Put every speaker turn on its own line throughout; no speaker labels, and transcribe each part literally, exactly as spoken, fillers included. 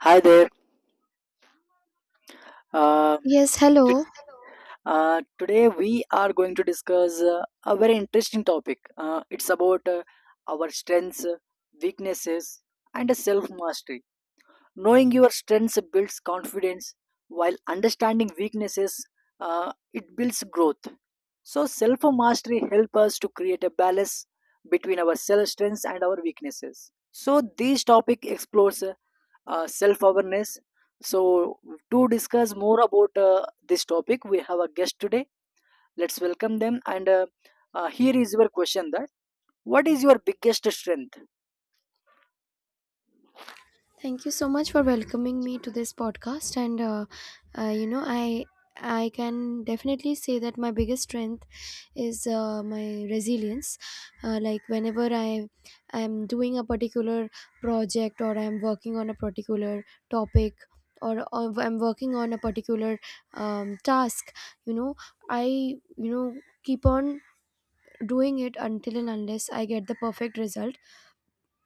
Hi there. Uh,
Yes,
t-
hello.
uh, Today we are going to discuss uh, a very interesting topic. Uh, it's about uh, our strengths, weaknesses, and self mastery. Knowing your strengths builds confidence, while understanding weaknesses, uh, it builds growth. So self mastery helps us to create a balance between our self strengths and our weaknesses. So this topic explores uh, self awareness. So to discuss more about uh, this topic, we have a guest today. Let's welcome them. And uh, uh, Here is your question: that what is your biggest strength?
Thank you so much for welcoming me to this podcast. And uh, uh, you know, I I can definitely say that my biggest strength is uh, my resilience. Uh, like whenever I I'm doing a particular project, or I'm working on a particular topic or, or I'm working on a particular um, task. you know, I you know keep on doing it until and unless I get the perfect result.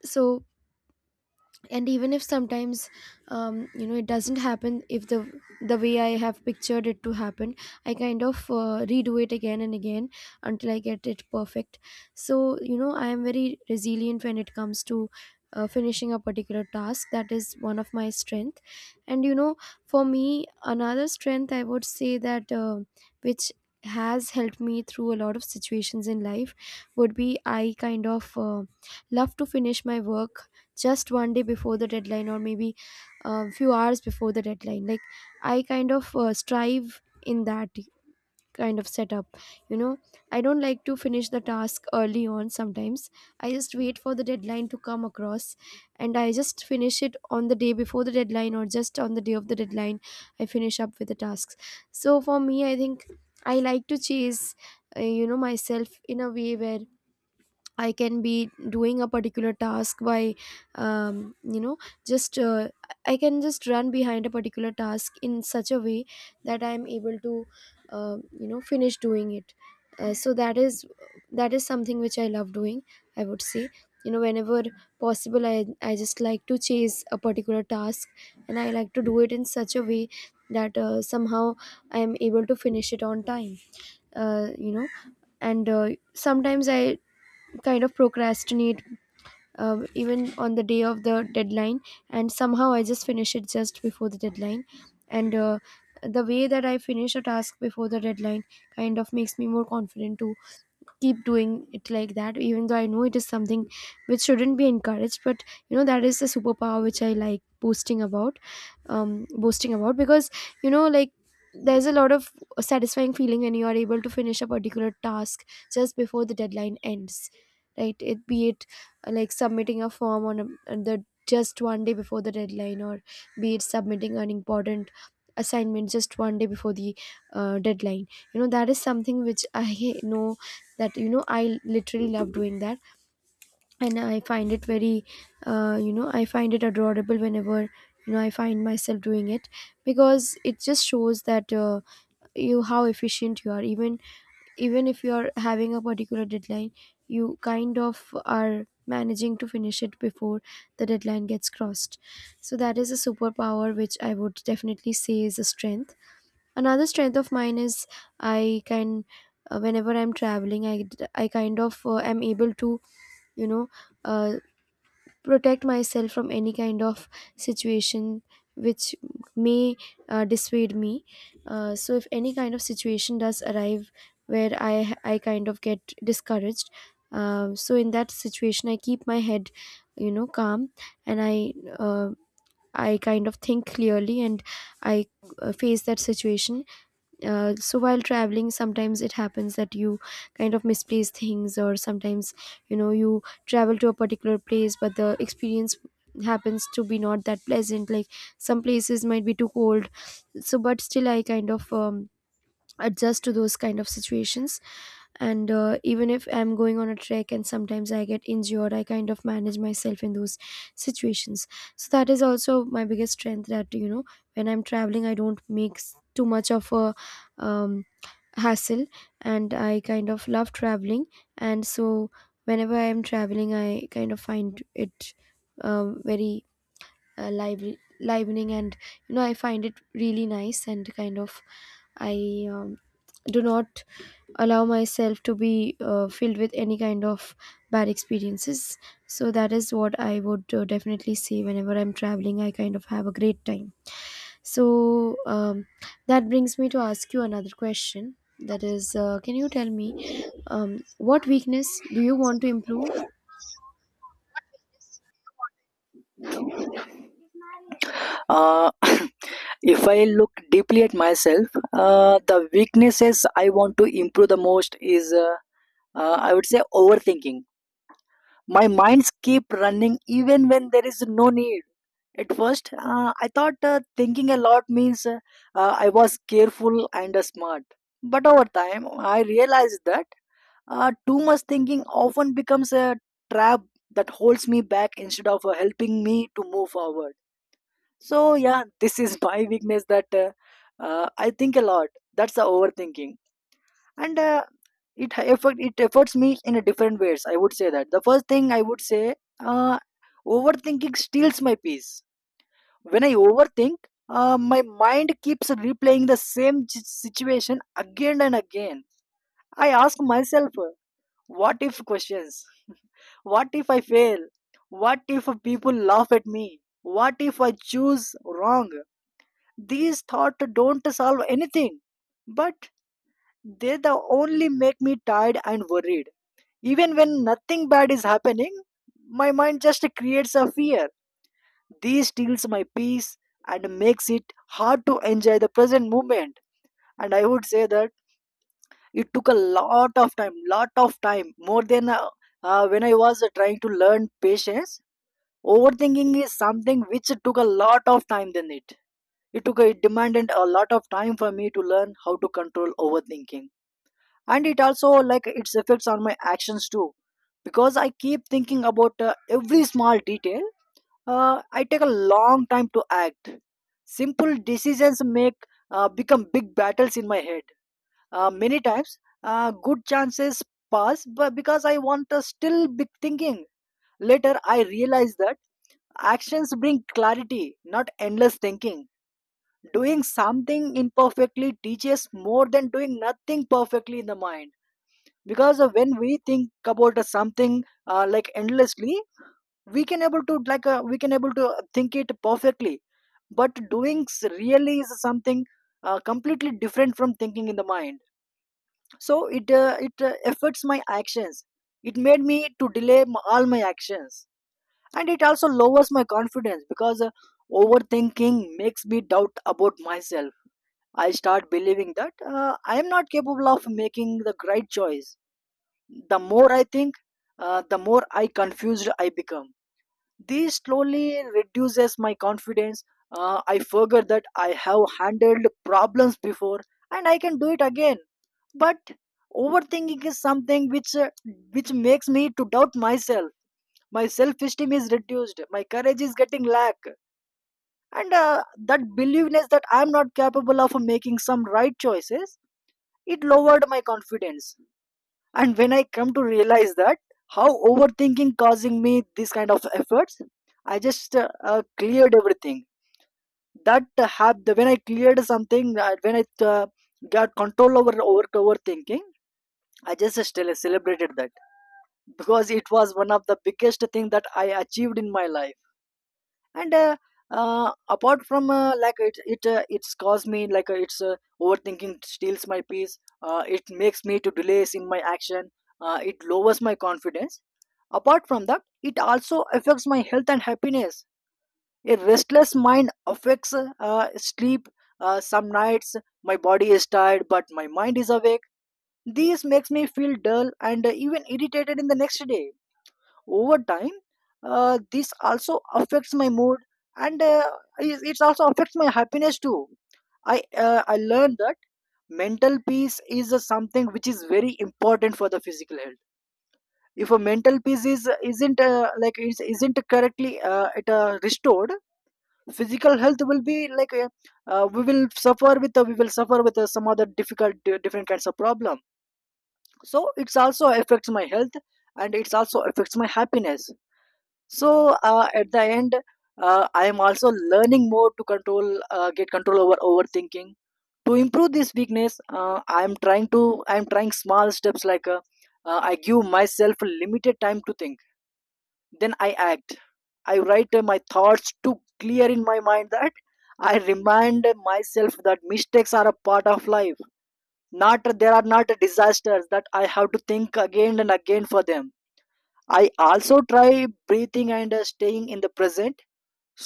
So and even if sometimes, um, you know it doesn't happen if the the way I have pictured it to happen, I kind of uh, redo it again and again until I get it perfect. So you know I am very resilient when it comes to uh, finishing a particular task. That is one of my strength, and you know for me, another strength I would say that uh, which has helped me through a lot of situations in life would be I kind of uh, love to finish my work just one day before the deadline, or maybe a few hours before the deadline. Like, I kind of uh, strive in that kind of setup. you know I don't like to finish the task early on. Sometimes I just wait for the deadline to come across, and I just finish it on the day before the deadline, or just on the day of the deadline I finish up with the tasks. So for me, I think I like to chase uh, you know myself in a way where I can be doing a particular task by, um, you know, just, uh, I can just run behind a particular task in such a way that I am able to, uh, you know, finish doing it. Uh, so that is that is something which I love doing. I would say, you know, whenever possible, I I just like to chase a particular task, and I like to do it in such a way that uh, somehow I am able to finish it on time. Uh, you know, and uh, sometimes I kind of procrastinate, um, even on the day of the deadline, and somehow I just finish it just before the deadline. And uh, the way that I finish a task before the deadline kind of makes me more confident to keep doing it like that, even though I know it is something which shouldn't be encouraged. But you know that is the superpower which I like boasting about um boasting about because you know like, there's a lot of satisfying feeling when you are able to finish a particular task just before the deadline ends. Right, it be it uh, like submitting a form on, a, on the just one day before the deadline, or be it submitting an important assignment just one day before the uh, deadline. You know that is something which I know that you know I literally love doing that, and I find it very, uh, you know I find it adorable whenever you know I find myself doing it, because it just shows that uh, you how efficient you are. Even even if you are having a particular deadline, you kind of are managing to finish it before the deadline gets crossed. So that is a superpower which I would definitely say is a strength. Another strength of mine is, I can uh, whenever I'm traveling, i d- i kind of uh, am able to, you know uh, protect myself from any kind of situation which may uh, dissuade me. Uh, so if any kind of situation does arrive where i h- i kind of get discouraged, uh, so in that situation I keep my head, you know calm, and i uh, i kind of think clearly, and i uh, face that situation. Uh, so while traveling, sometimes it happens that you kind of misplace things, or sometimes you know you travel to a particular place but the experience happens to be not that pleasant, like some places might be too cold. So but still I kind of um, adjust to those kind of situations, and uh, even if I'm going on a trek and sometimes I get injured, I kind of manage myself in those situations. So that is also my biggest strength, that you know when I'm traveling I don't make s- too much of a um, hassle, and I kind of love traveling. And so whenever I am traveling, I kind of find it, um, very, uh, lively livening, and you know I find it really nice, and kind of I um, do not allow myself to be uh, filled with any kind of bad experiences. So that is what I would uh, definitely say: whenever I'm traveling I kind of have a great time. So um, that brings me to ask you another question, that is, uh, can you tell me, um, what weakness do you want to improve?
Uh, if I look deeply at myself, uh, the weaknesses I want to improve the most is, uh, uh, I would say, overthinking. My minds keep running even when there is no need. At first, uh, I thought uh, thinking a lot means uh, uh, I was careful and uh, smart. But over time, I realized that uh, too much thinking often becomes a trap that holds me back instead of uh, helping me to move forward. So yeah, this is my weakness that uh, uh, I think a lot. That's the overthinking, and uh, it ha- affect it affects me in a different ways. I would say that the first thing I would say, uh, overthinking steals my peace. When I overthink, uh, my mind keeps replaying the same ch- situation again and again. I ask myself, uh, what if questions? What if I fail? What if people laugh at me? What if I choose wrong? These thoughts don't solve anything, but they the only make me tired and worried. Even when nothing bad is happening, my mind just creates a fear. This steals my peace and makes it hard to enjoy the present moment. And I would say that it took a lot of time, lot of time, more than uh, uh, when I was uh, trying to learn patience. Overthinking is something which took a lot of time than it. It took it demanded a lot of time for me to learn how to control overthinking. And it also like its effects on my actions too. Because I keep thinking about uh, every small detail, uh, I take a long time to act. Simple decisions make uh, become big battles in my head. Uh, many times, uh, good chances pass, but because I want to still big thinking. Later, I realize that actions bring clarity, not endless thinking. Doing something imperfectly teaches more than doing nothing perfectly in the mind, because uh, when we think about uh, something uh, like endlessly, we can able to like uh, we can able to think it perfectly, but doing s- really is something uh, completely different from thinking in the mind. So it uh, it uh, affects my actions. It made me to delay m all my actions, and it also lowers my confidence because uh, overthinking makes me doubt about myself. I start believing that uh, I am not capable of making the right choice. The more I think, uh, the more I confused I become. This slowly reduces my confidence. Uh, I forget that I have handled problems before and I can do it again. But overthinking is something which uh, which makes me to doubt myself. My self-esteem is reduced. My courage is getting lack, and uh, that believeness that I am not capable of making some right choices, it lowered my confidence. And when I come to realize that how overthinking causing me this kind of efforts, I just uh, uh, cleared everything. That uh, hap- the when I cleared something, uh, when I uh, got control over over overthinking, I just still celebrated that because it was one of the biggest thing that I achieved in my life. And uh, uh, Apart from uh, like it it uh, it's caused me like uh, it's uh, overthinking steals my peace, uh, it makes me to delays in my action, uh, it lowers my confidence. Apart from that, it also affects my health and happiness. A restless mind affects uh, sleep. Uh, some nights my body is tired but my mind is awake. This makes me feel dull and uh, even irritated in the next day. Over time, uh, this also affects my mood, and uh, it it also affects my happiness too. I uh, i learned that mental peace is uh, something which is very important for the physical health. If a mental peace is isn't uh, like is, isn't correctly uh, it uh, restored, physical health will be like uh, uh, we will suffer with uh, we will suffer with uh, some other difficult different kinds of problem. So it's also affects my health, and it's also affects my happiness. So uh, at the end, uh, I am also learning more to control uh, get control over overthinking. To improve this weakness, uh, i am trying to I am trying small steps like uh, uh, I give myself limited time to think, then I act. I write uh, my thoughts to clear in my mind, that I remind myself that mistakes are a part of life, not there are not disasters that I have to think again and again for them. I also try breathing and uh, staying in the present.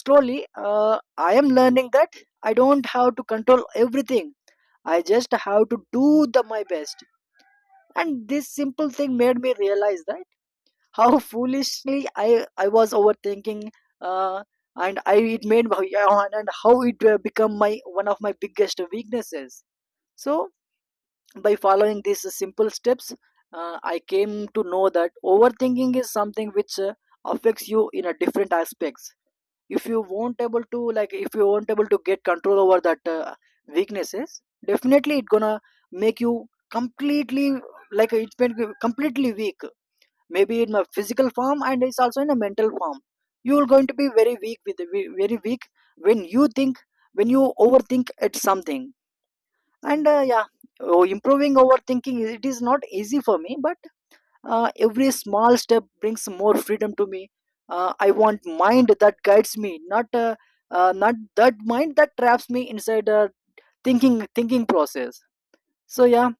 Slowly, uh, I am learning that I don't have to control everything. I just have to do the my best. And this simple thing made me realize that how foolishly i i was overthinking, uh, and I it made my yeah, and how it uh, become my one of my biggest weaknesses. So by following these simple steps, uh, I came to know that overthinking is something which uh, affects you in a different aspects. If you won't able to like if you won't able to get control over that uh, weaknesses, definitely it gonna make you completely like it's been completely weak, maybe in a physical form and it's also in a mental form. You're going to be very weak with very weak when you think, when you overthink at something. And uh, Yeah. Oh, improving overthinking it is not easy for me, but uh, every small step brings more freedom to me. Uh, I want mind that guides me, not uh, uh, not that mind that traps me inside a thinking thinking process. So yeah,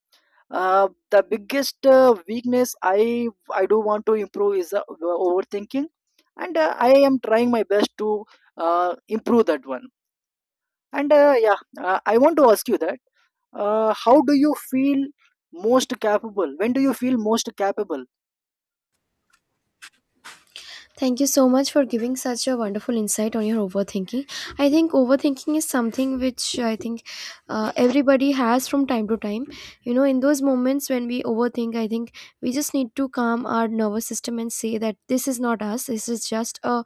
uh, the biggest uh, weakness I I do want to improve is uh, overthinking, and uh, I am trying my best to uh, improve that one. And uh, yeah, uh, I want to ask you that uh, how do you feel most capable? When do you feel most capable?
Thank you so much for giving such a wonderful insight on your overthinking. I think overthinking is something which, I think, uh, everybody has from time to time. You know, in those moments when we overthink, I think we just need to calm our nervous system and say that this is not us. This is just a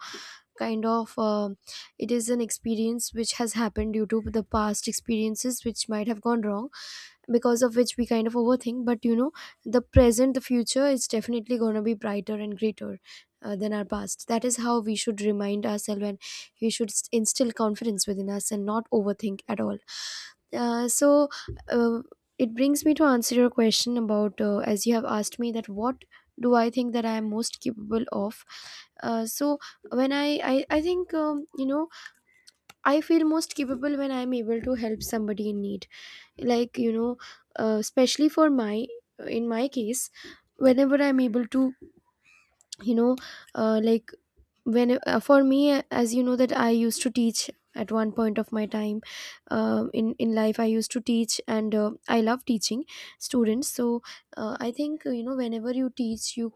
kind of, uh, it is an experience which has happened due to the past experiences which might have gone wrong, because of which we kind of overthink. But you know the present the future is definitely going to be brighter and greater uh, than our past. That is how we should remind ourselves, and we should s- instill confidence within us and not overthink at all. Uh, so uh, it brings me to answer your question about, uh, as you have asked me, that what do I think that I am most capable of. Uh, so when i i, I think, um, you know I feel most capable when I am able to help somebody in need. Like, you know uh, especially for my in my case, whenever I'm able to, you know uh, like, when, uh, for me, as you know that I used to teach at one point of my time, um in in life I used to teach, and uh, I love teaching students. So uh, I think, uh, you know whenever you teach you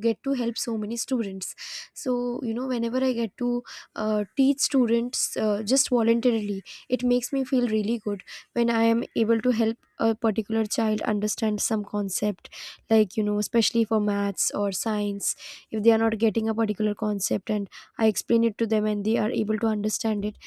get to help so many students. So you know whenever I get to uh, teach students, uh, just voluntarily, it makes me feel really good when I am able to help a particular child understand some concept, like you know especially for maths or science. If they are not getting a particular concept and I explain it to them and they are able to understand it,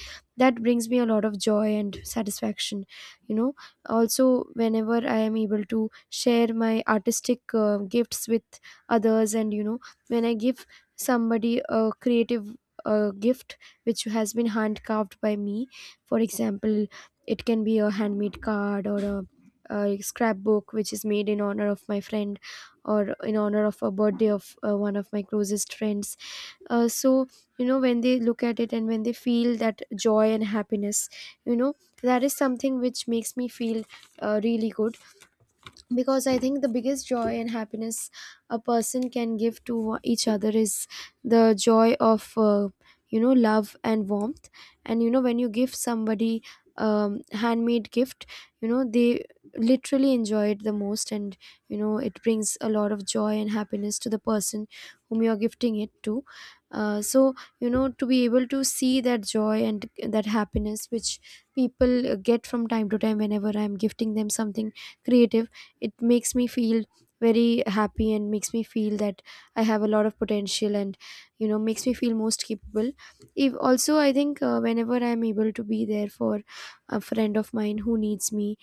that brings me a lot of joy and satisfaction. you know Also, whenever I am able to share my artistic uh, gifts with others, and you know when I give somebody a creative uh, gift which has been hand carved by me, for example, it can be a handmade card, or a, a scrapbook which is made in honor of my friend, or in honor of a birthday of uh, one of my closest friends. Uh, so you know when they look at it and when they feel that joy and happiness, you know that is something which makes me feel uh, really good, because I think the biggest joy and happiness a person can give to o- each other is the joy of, uh, you know love and warmth. And you know when you give somebody um handmade gift, you know they literally enjoy it the most, and you know it brings a lot of joy and happiness to the person whom you're gifting it to. Uh, so you know to be able to see that joy and that happiness which people uh, get from time to time whenever I'm gifting them something creative, it makes me feel very happy and makes me feel that I have a lot of potential, and you know makes me feel most capable. If also, I think, uh, whenever I'm able to be there for a friend of mine who needs me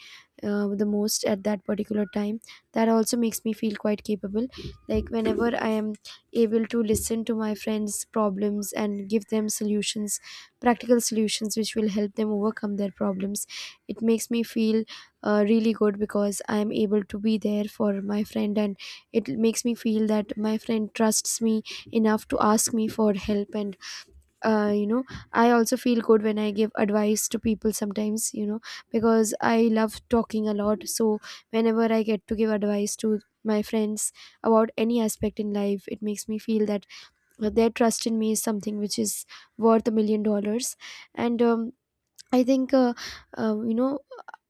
uh, the most at that particular time, that also makes me feel quite capable. Like, whenever I am able to listen to my friends problems and give them solutions, practical solutions which will help them overcome their problems, it makes me feel uh, really good, because I'm able to be there for my friend, and it makes me feel that my friend trusts me enough to ask me for help. And uh, you know I also feel good when I give advice to people sometimes, you know because I love talking a lot. So whenever I get to give advice to my friends about any aspect in life, it makes me feel that their trust in me is something which is worth a million dollars. And um, I think, uh, uh, you know,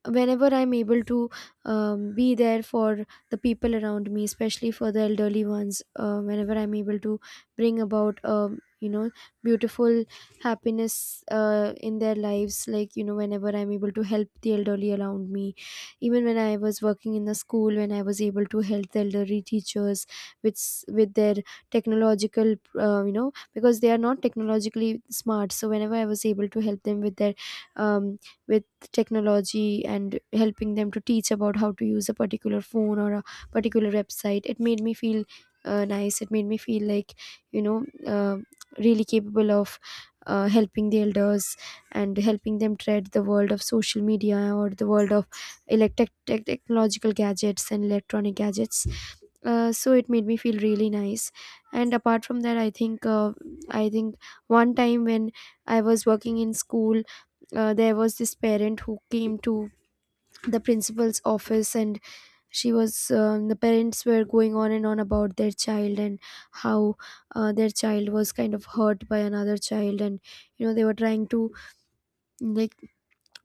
whenever I'm able to, um, be there for the people around me, especially for the elderly ones, uh, whenever I'm able to bring about, um, you know, beautiful happiness uh, in their lives, like, you know, whenever I'm able to help the elderly around me, even when I was working in the school, when I was able to help the elderly teachers with, s- with their technological, uh, you know, because they are not technologically smart. So whenever I was able to help them with their um, with technology, and helping them to teach about how to use a particular phone or a particular website, it made me feel uh, nice. It made me feel like, you know uh, really capable of uh, helping the elders, and helping them tread the world of social media or the world of electric tech- technological gadgets and electronic gadgets. Uh, so it made me feel really nice. And apart from that, i think uh, i think one time when I was working in school, uh, there was this parent who came to the principal's office, and she was um, the parents were going on and on about their child, and how uh, their child was kind of hurt by another child, and you know they were trying to, like,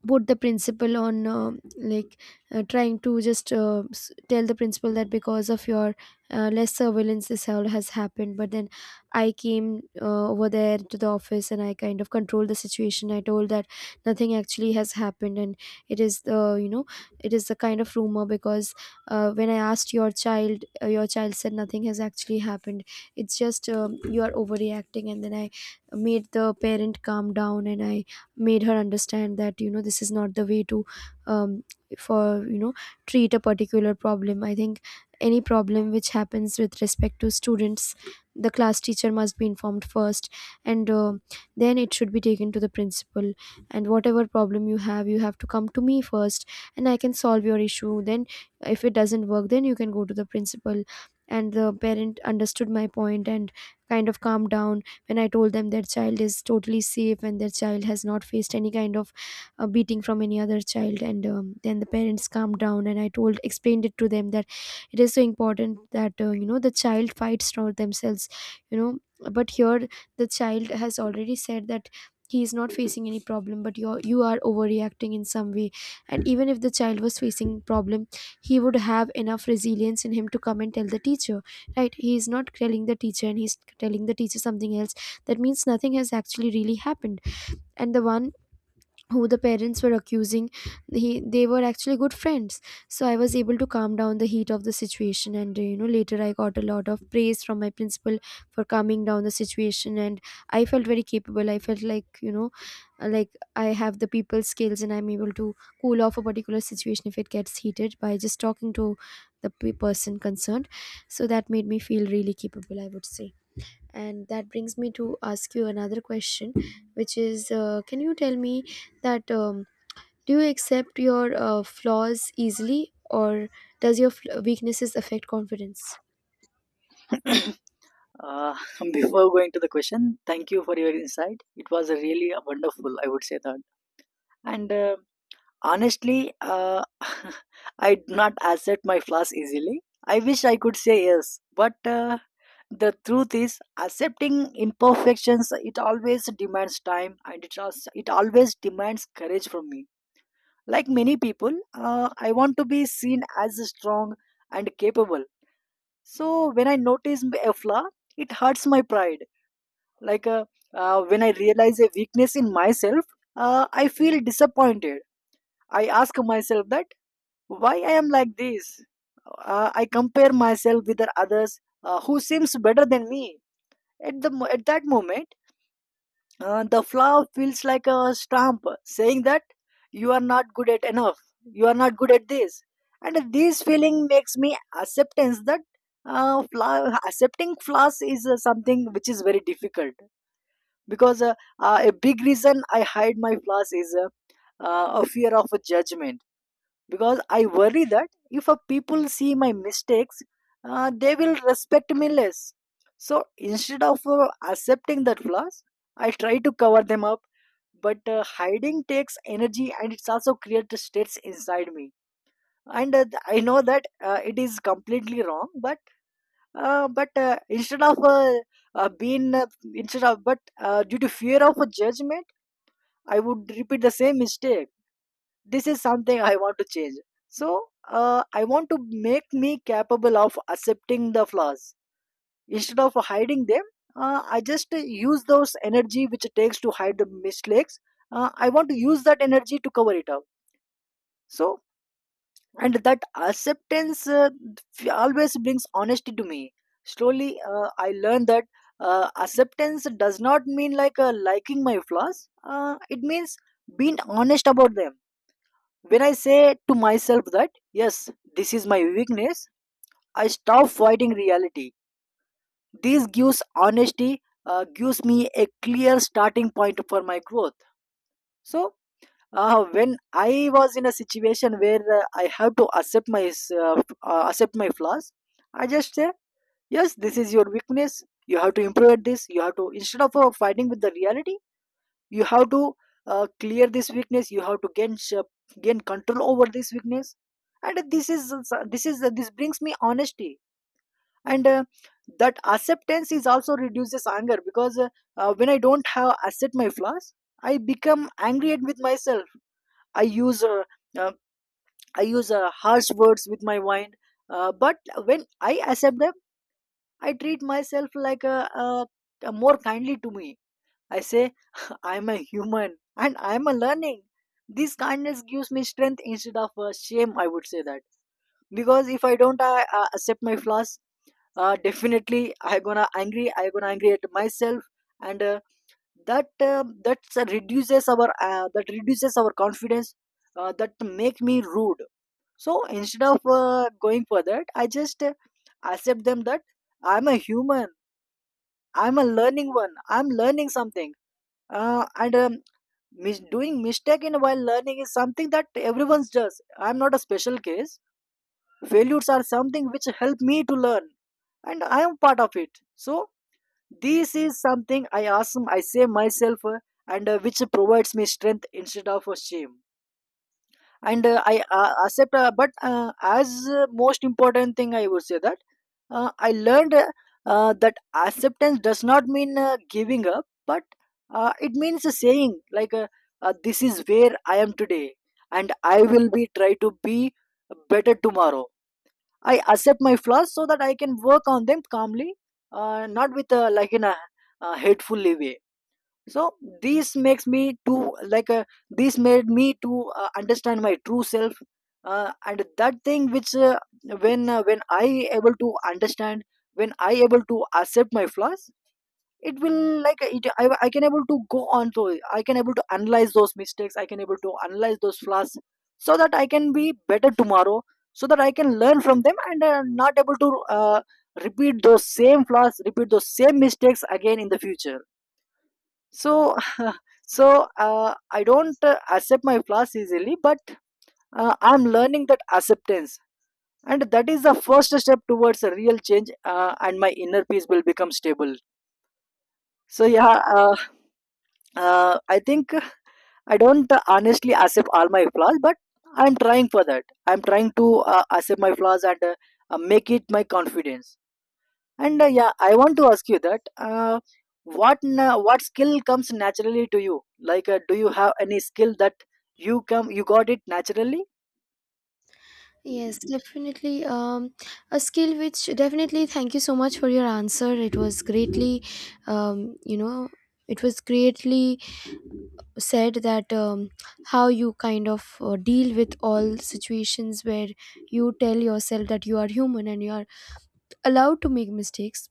put the principal on, uh, like, uh, trying to just, uh, s- tell the principal that because of your uh, less surveillance, this all has happened. But then I came uh, over there to the office, and I kind of controlled the situation. I told that nothing actually has happened, and it is the you know it is the kind of rumor, because uh, when I asked your child, uh, your child said nothing has actually happened. It's just, um, you are overreacting. And then I made the parent calm down, and I made her understand that, you know this is not the way to um, for you know treat a particular problem. I think any problem which happens with respect to students, the class teacher must be informed first, and uh, then it should be taken to the principal. And whatever problem you have, you have to come to me first, and I can solve your issue then. If it doesn't work, then you can go to the principal. And the parent understood my point and kind of calmed down when I told them their child is totally safe, and their child has not faced any kind of uh, beating from any other child. And um, then the parents calmed down, and I told, explained it to them that it is so important that, uh, you know, the child fights for themselves, you know. But here, the child has already said that he is not facing any problem, but you you are overreacting in some way. And even if the child was facing problem, he would have enough resilience in him to come and tell the teacher, right? He is not telling the teacher, and he's telling the teacher something else. That means nothing has actually really happened. And the one who the parents were accusing, he they were actually good friends. So I was able to calm down the heat of the situation, and uh, you know later I got a lot of praise from my principal for calming down the situation. And I felt very capable. I felt like, you know uh, like I have the people skills, and I'm able to cool off a particular situation if it gets heated by just talking to the pe- person concerned. So that made me feel really capable, I would say. And that brings me to ask you another question, which is, uh, can you tell me that, um, do you accept your uh, flaws easily, or does your fl- weaknesses affect confidence?
Uh, Before going to the question, thank you for your insight. It was a really a wonderful, I would say that. And uh, honestly, uh, I do not accept my flaws easily. I wish I could say yes, but uh, the truth is, accepting imperfections it always demands time, and it also, it always demands courage from me. Like many people, uh, I want to be seen as strong and capable. So when I notice a flaw, it hurts my pride like uh, uh, when I realize a weakness in myself, uh, I feel disappointed. I ask myself that why I am like this. uh, I compare myself with the others uh, who seems better than me at the mo- at that moment. Uh, the flaw feels like a stamp saying that you are not good at enough, you are not good at this. And this feeling makes me acceptance that uh, flaw, accepting flaws is uh, something which is very difficult. Because uh, uh, a big reason I hide my flaws is uh, uh, a fear of a judgment, because I worry that if uh, people see my mistakes, uh, they will respect me less. So instead of uh, accepting that flaws, I try to cover them up. But uh, hiding takes energy and it's also creates states inside me. And uh, th- I know that uh, it is completely wrong, but uh, but uh, instead of uh, uh, being uh, instead of but uh, due to fear of a judgment, I would repeat the same mistake. This is something I want to change. So uh, I want to make me capable of accepting the flaws instead of hiding them. Uh, I just uh, use those energy which it takes to hide the mistakes. Uh, I want to use that energy to cover it up. So, and that acceptance uh, f- always brings honesty to me. Slowly, uh, I learned that uh, acceptance does not mean like uh, liking my flaws. Uh, it means being honest about them. When I say to myself that, yes, this is my weakness, I stop fighting reality. This gives honesty, uh, gives me a clear starting point for my growth. So, uh, when I was in a situation where uh, I have to accept my s- uh, f- uh, accept my flaws, I just say, yes, this is your weakness. You have to improve at this. You have to, instead of uh, fighting with the reality, you have to uh, clear this weakness. You have to gain sh- gain control over this weakness, and this is uh, this is uh, this brings me honesty. And uh, That acceptance is also reduces anger, because uh, uh, when I don't have accept my flaws, I become angry at with myself. i use uh, uh, I use uh, harsh words with my mind. Uh, but when I accept them, I treat myself like a, a, a more kindly to me. I say, I'm a human and I'm a learning. This kindness gives me strength instead of uh, shame, I would say that. Because if I don't uh, uh, accept my flaws, uh, definitely I gonna angry, I gonna angry at myself. And uh, that uh, that uh, reduces our, uh, that reduces our confidence, uh, that make me rude. So instead of uh, going for that, I just uh, accept them that I'm a human, I'm a learning one, I'm learning something. uh, and um, Mis- doing mistake in while learning is something that everyone does. I'm not a special case. Failures are something which help me to learn, and I am part of it. So this is something I ask, I say myself, uh, and uh, which provides me strength instead of a shame. And uh, I uh, accept uh, but uh, as uh, Most important thing I would say that uh, I learned uh, uh, that acceptance does not mean uh, giving up, but uh, it means saying like uh, uh, this is where I am today and I will be try to be better tomorrow. I accept my flaws so that I can work on them calmly, uh, not with uh, like in a, a hateful way. So this makes me to like uh, this made me to uh, understand my true self uh, and that thing which uh, when uh, when I able to understand, when I able to accept my flaws, it will like it, I, I can able to go on to, I can able to analyze those mistakes, I can able to analyze those flaws, so that I can be better tomorrow, so that I can learn from them and uh, not able to uh, repeat those same flaws, repeat those same mistakes again in the future. So so uh, I don't uh, accept my flaws easily, but uh, I'm learning that acceptance, and that is the first step towards a real change, uh, and my inner peace will become stable. So yeah, uh, uh, I think I don't uh, honestly accept all my flaws, but I'm trying for that. I'm trying to uh, accept my flaws and uh, uh, make it my confidence. And uh, Yeah, I want to ask you that, uh, what na- what skill comes naturally to you? Like, uh, do you have any skill that you come you got it naturally?
Yes, definitely. Um, a skill which definitely— thank you so much for your answer. It was greatly um, you know it was greatly said that, um, how you kind of uh, deal with all situations where you tell yourself that you are human and you are allowed to make mistakes.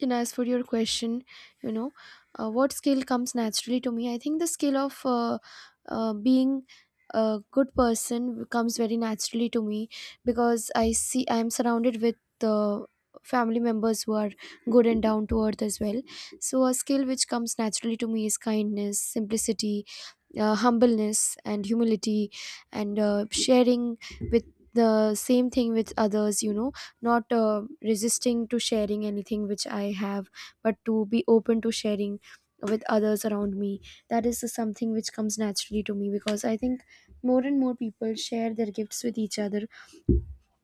And as for your question, you know uh, what skill comes naturally to me? I think the skill of, uh, uh, being a good person comes very naturally to me, because I see I am surrounded with the family members who are good and down to earth as well. So a skill which comes naturally to me is kindness, simplicity, uh, humbleness, and humility, and uh, sharing with the same thing with others. you know not uh, resisting to sharing anything which I have, but to be open to sharing with others around me. That is something which comes naturally to me, because I think more and more people share their gifts with each other,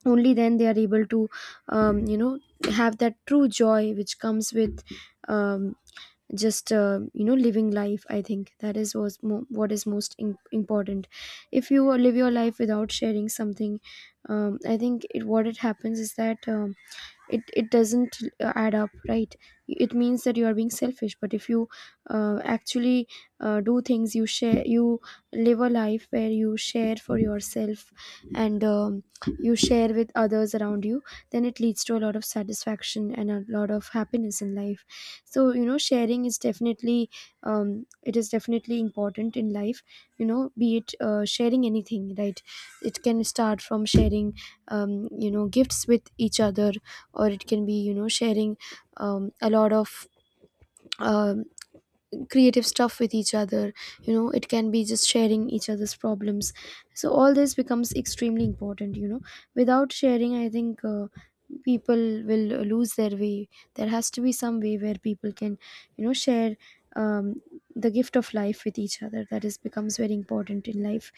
only then they are able to um, you know have that true joy which comes with, um, just, uh, you know living life. I think that is was mo- what is most im important. If you uh, live your life without sharing something, um, I think it, what it happens is that, um, it it doesn't uh, add up, right? It means that you are being selfish. But if you uh, actually uh, do things, you share, you live a life where you share for yourself, and um, you share with others around you, then it leads to a lot of satisfaction and a lot of happiness in life. So, you know sharing is definitely, um, it is definitely important in life. you know be it uh, sharing anything, right? It can start from sharing, um, you know gifts with each other, or it can be, you know sharing, um, a lot of uh, creative stuff with each other. You know it can be just sharing each other's problems. So all this becomes extremely important you know Without sharing, I think, uh, people will lose their way. There has to be some way where people can, you know share, um, the gift of life with each other. That is becomes very important in life,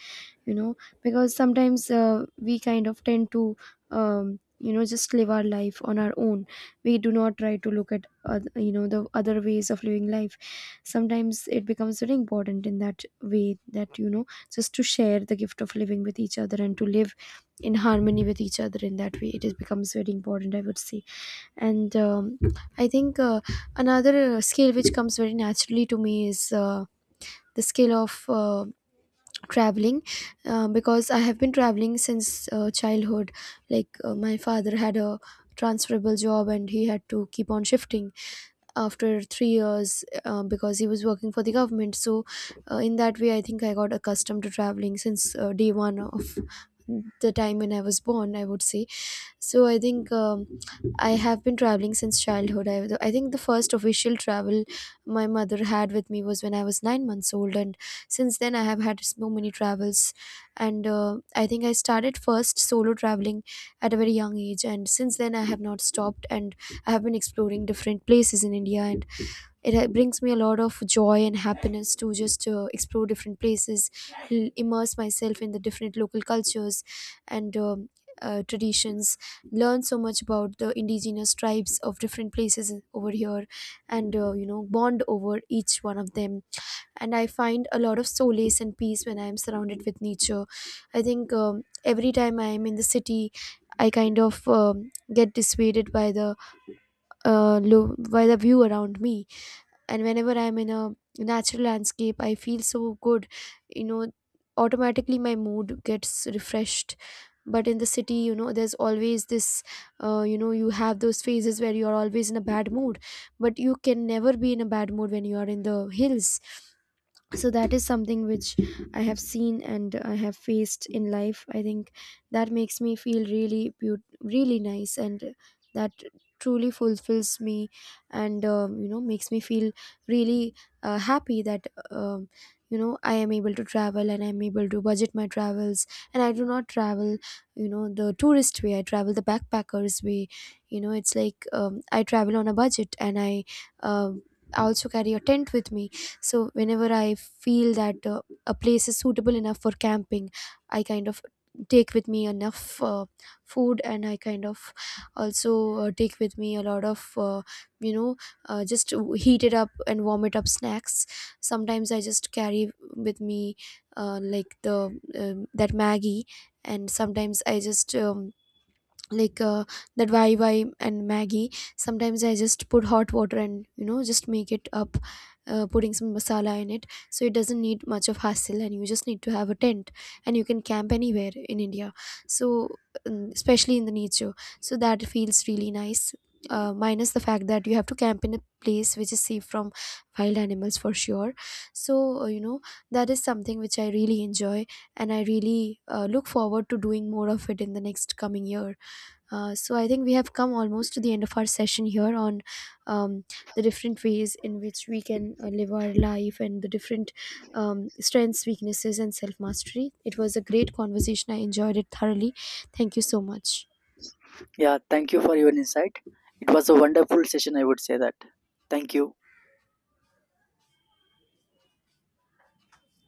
you know because sometimes uh, we kind of tend to, um, you know just live our life on our own. We do not try to look at oth- you know the other ways of living life. Sometimes it becomes very important in that way that, you know just to share the gift of living with each other, and to live in harmony with each other. In that way, it is becomes very important, I would say. And um, I think uh, another uh, skill which comes very naturally to me is uh, the scale of uh, traveling, uh, because I have been traveling since uh, childhood. Like, uh, my father had a transferable job, and he had to keep on shifting after three years, uh, because he was working for the government. So, uh, in that way, I think I got accustomed to traveling since uh, day one of the time when I was born, I would say. So I think, um, I have been traveling since childhood. I, I think the first official travel my mother had with me was when I was nine months old, and since then I have had so many travels. And uh, I think I started first solo traveling at a very young age, and since then I have not stopped, and I have been exploring different places in India. It ha- brings me a lot of joy and happiness to just uh, explore different places, l- immerse myself in the different local cultures, and um, uh, traditions, learn so much about the indigenous tribes of different places over here, and uh, you know bond over each one of them. And I find a lot of solace and peace when I am surrounded with nature. I think, um, every time I am in the city, I kind of, um, get dissuaded by the uh, lo- by the view around me. And whenever I'm in a natural landscape, I feel so good. You know automatically my mood gets refreshed. But in the city, you know there's always this, uh, you know you have those phases where you're always in a bad mood. But you can never be in a bad mood when you are in the hills. So that is something which I have seen and I have faced in life, I think. That makes me feel really beaut- really nice, and that truly fulfills me, and, um, you know makes me feel really uh, happy that, um, you know I am able to travel, and I'm able to budget my travels. And I do not travel, you know the tourist way. I travel the backpackers way. You know it's like, um, I travel on a budget, and I uh, also carry a tent with me. So whenever I feel that uh, a place is suitable enough for camping, I kind of take with me enough uh, food, and I kind of also uh, take with me a lot of uh, you know uh, just heat it up and warm it up snacks. Sometimes I just carry with me, uh, like, the um, that Maggie. And sometimes I just, um, like, uh, that why why and maggie. Sometimes I just put hot water, and, you know just make it up, uh, putting some masala in it, so it doesn't need much of hassle, and you just need to have a tent, and you can camp anywhere in India. So um, especially in the nature. So that feels really nice, uh, minus the fact that you have to camp in a place which is safe from wild animals, for sure. So, uh, you know that is something which I really enjoy, and I really uh, look forward to doing more of it in the next coming year. Uh, so I think we have come almost to the end of our session here on, um, the different ways in which we can uh, live our life, and the different, um, strengths, weaknesses, and self mastery. It was a great conversation. I enjoyed it thoroughly. Thank you so much.
Yeah, thank you for your insight. It was a wonderful session, I would say that. Thank you.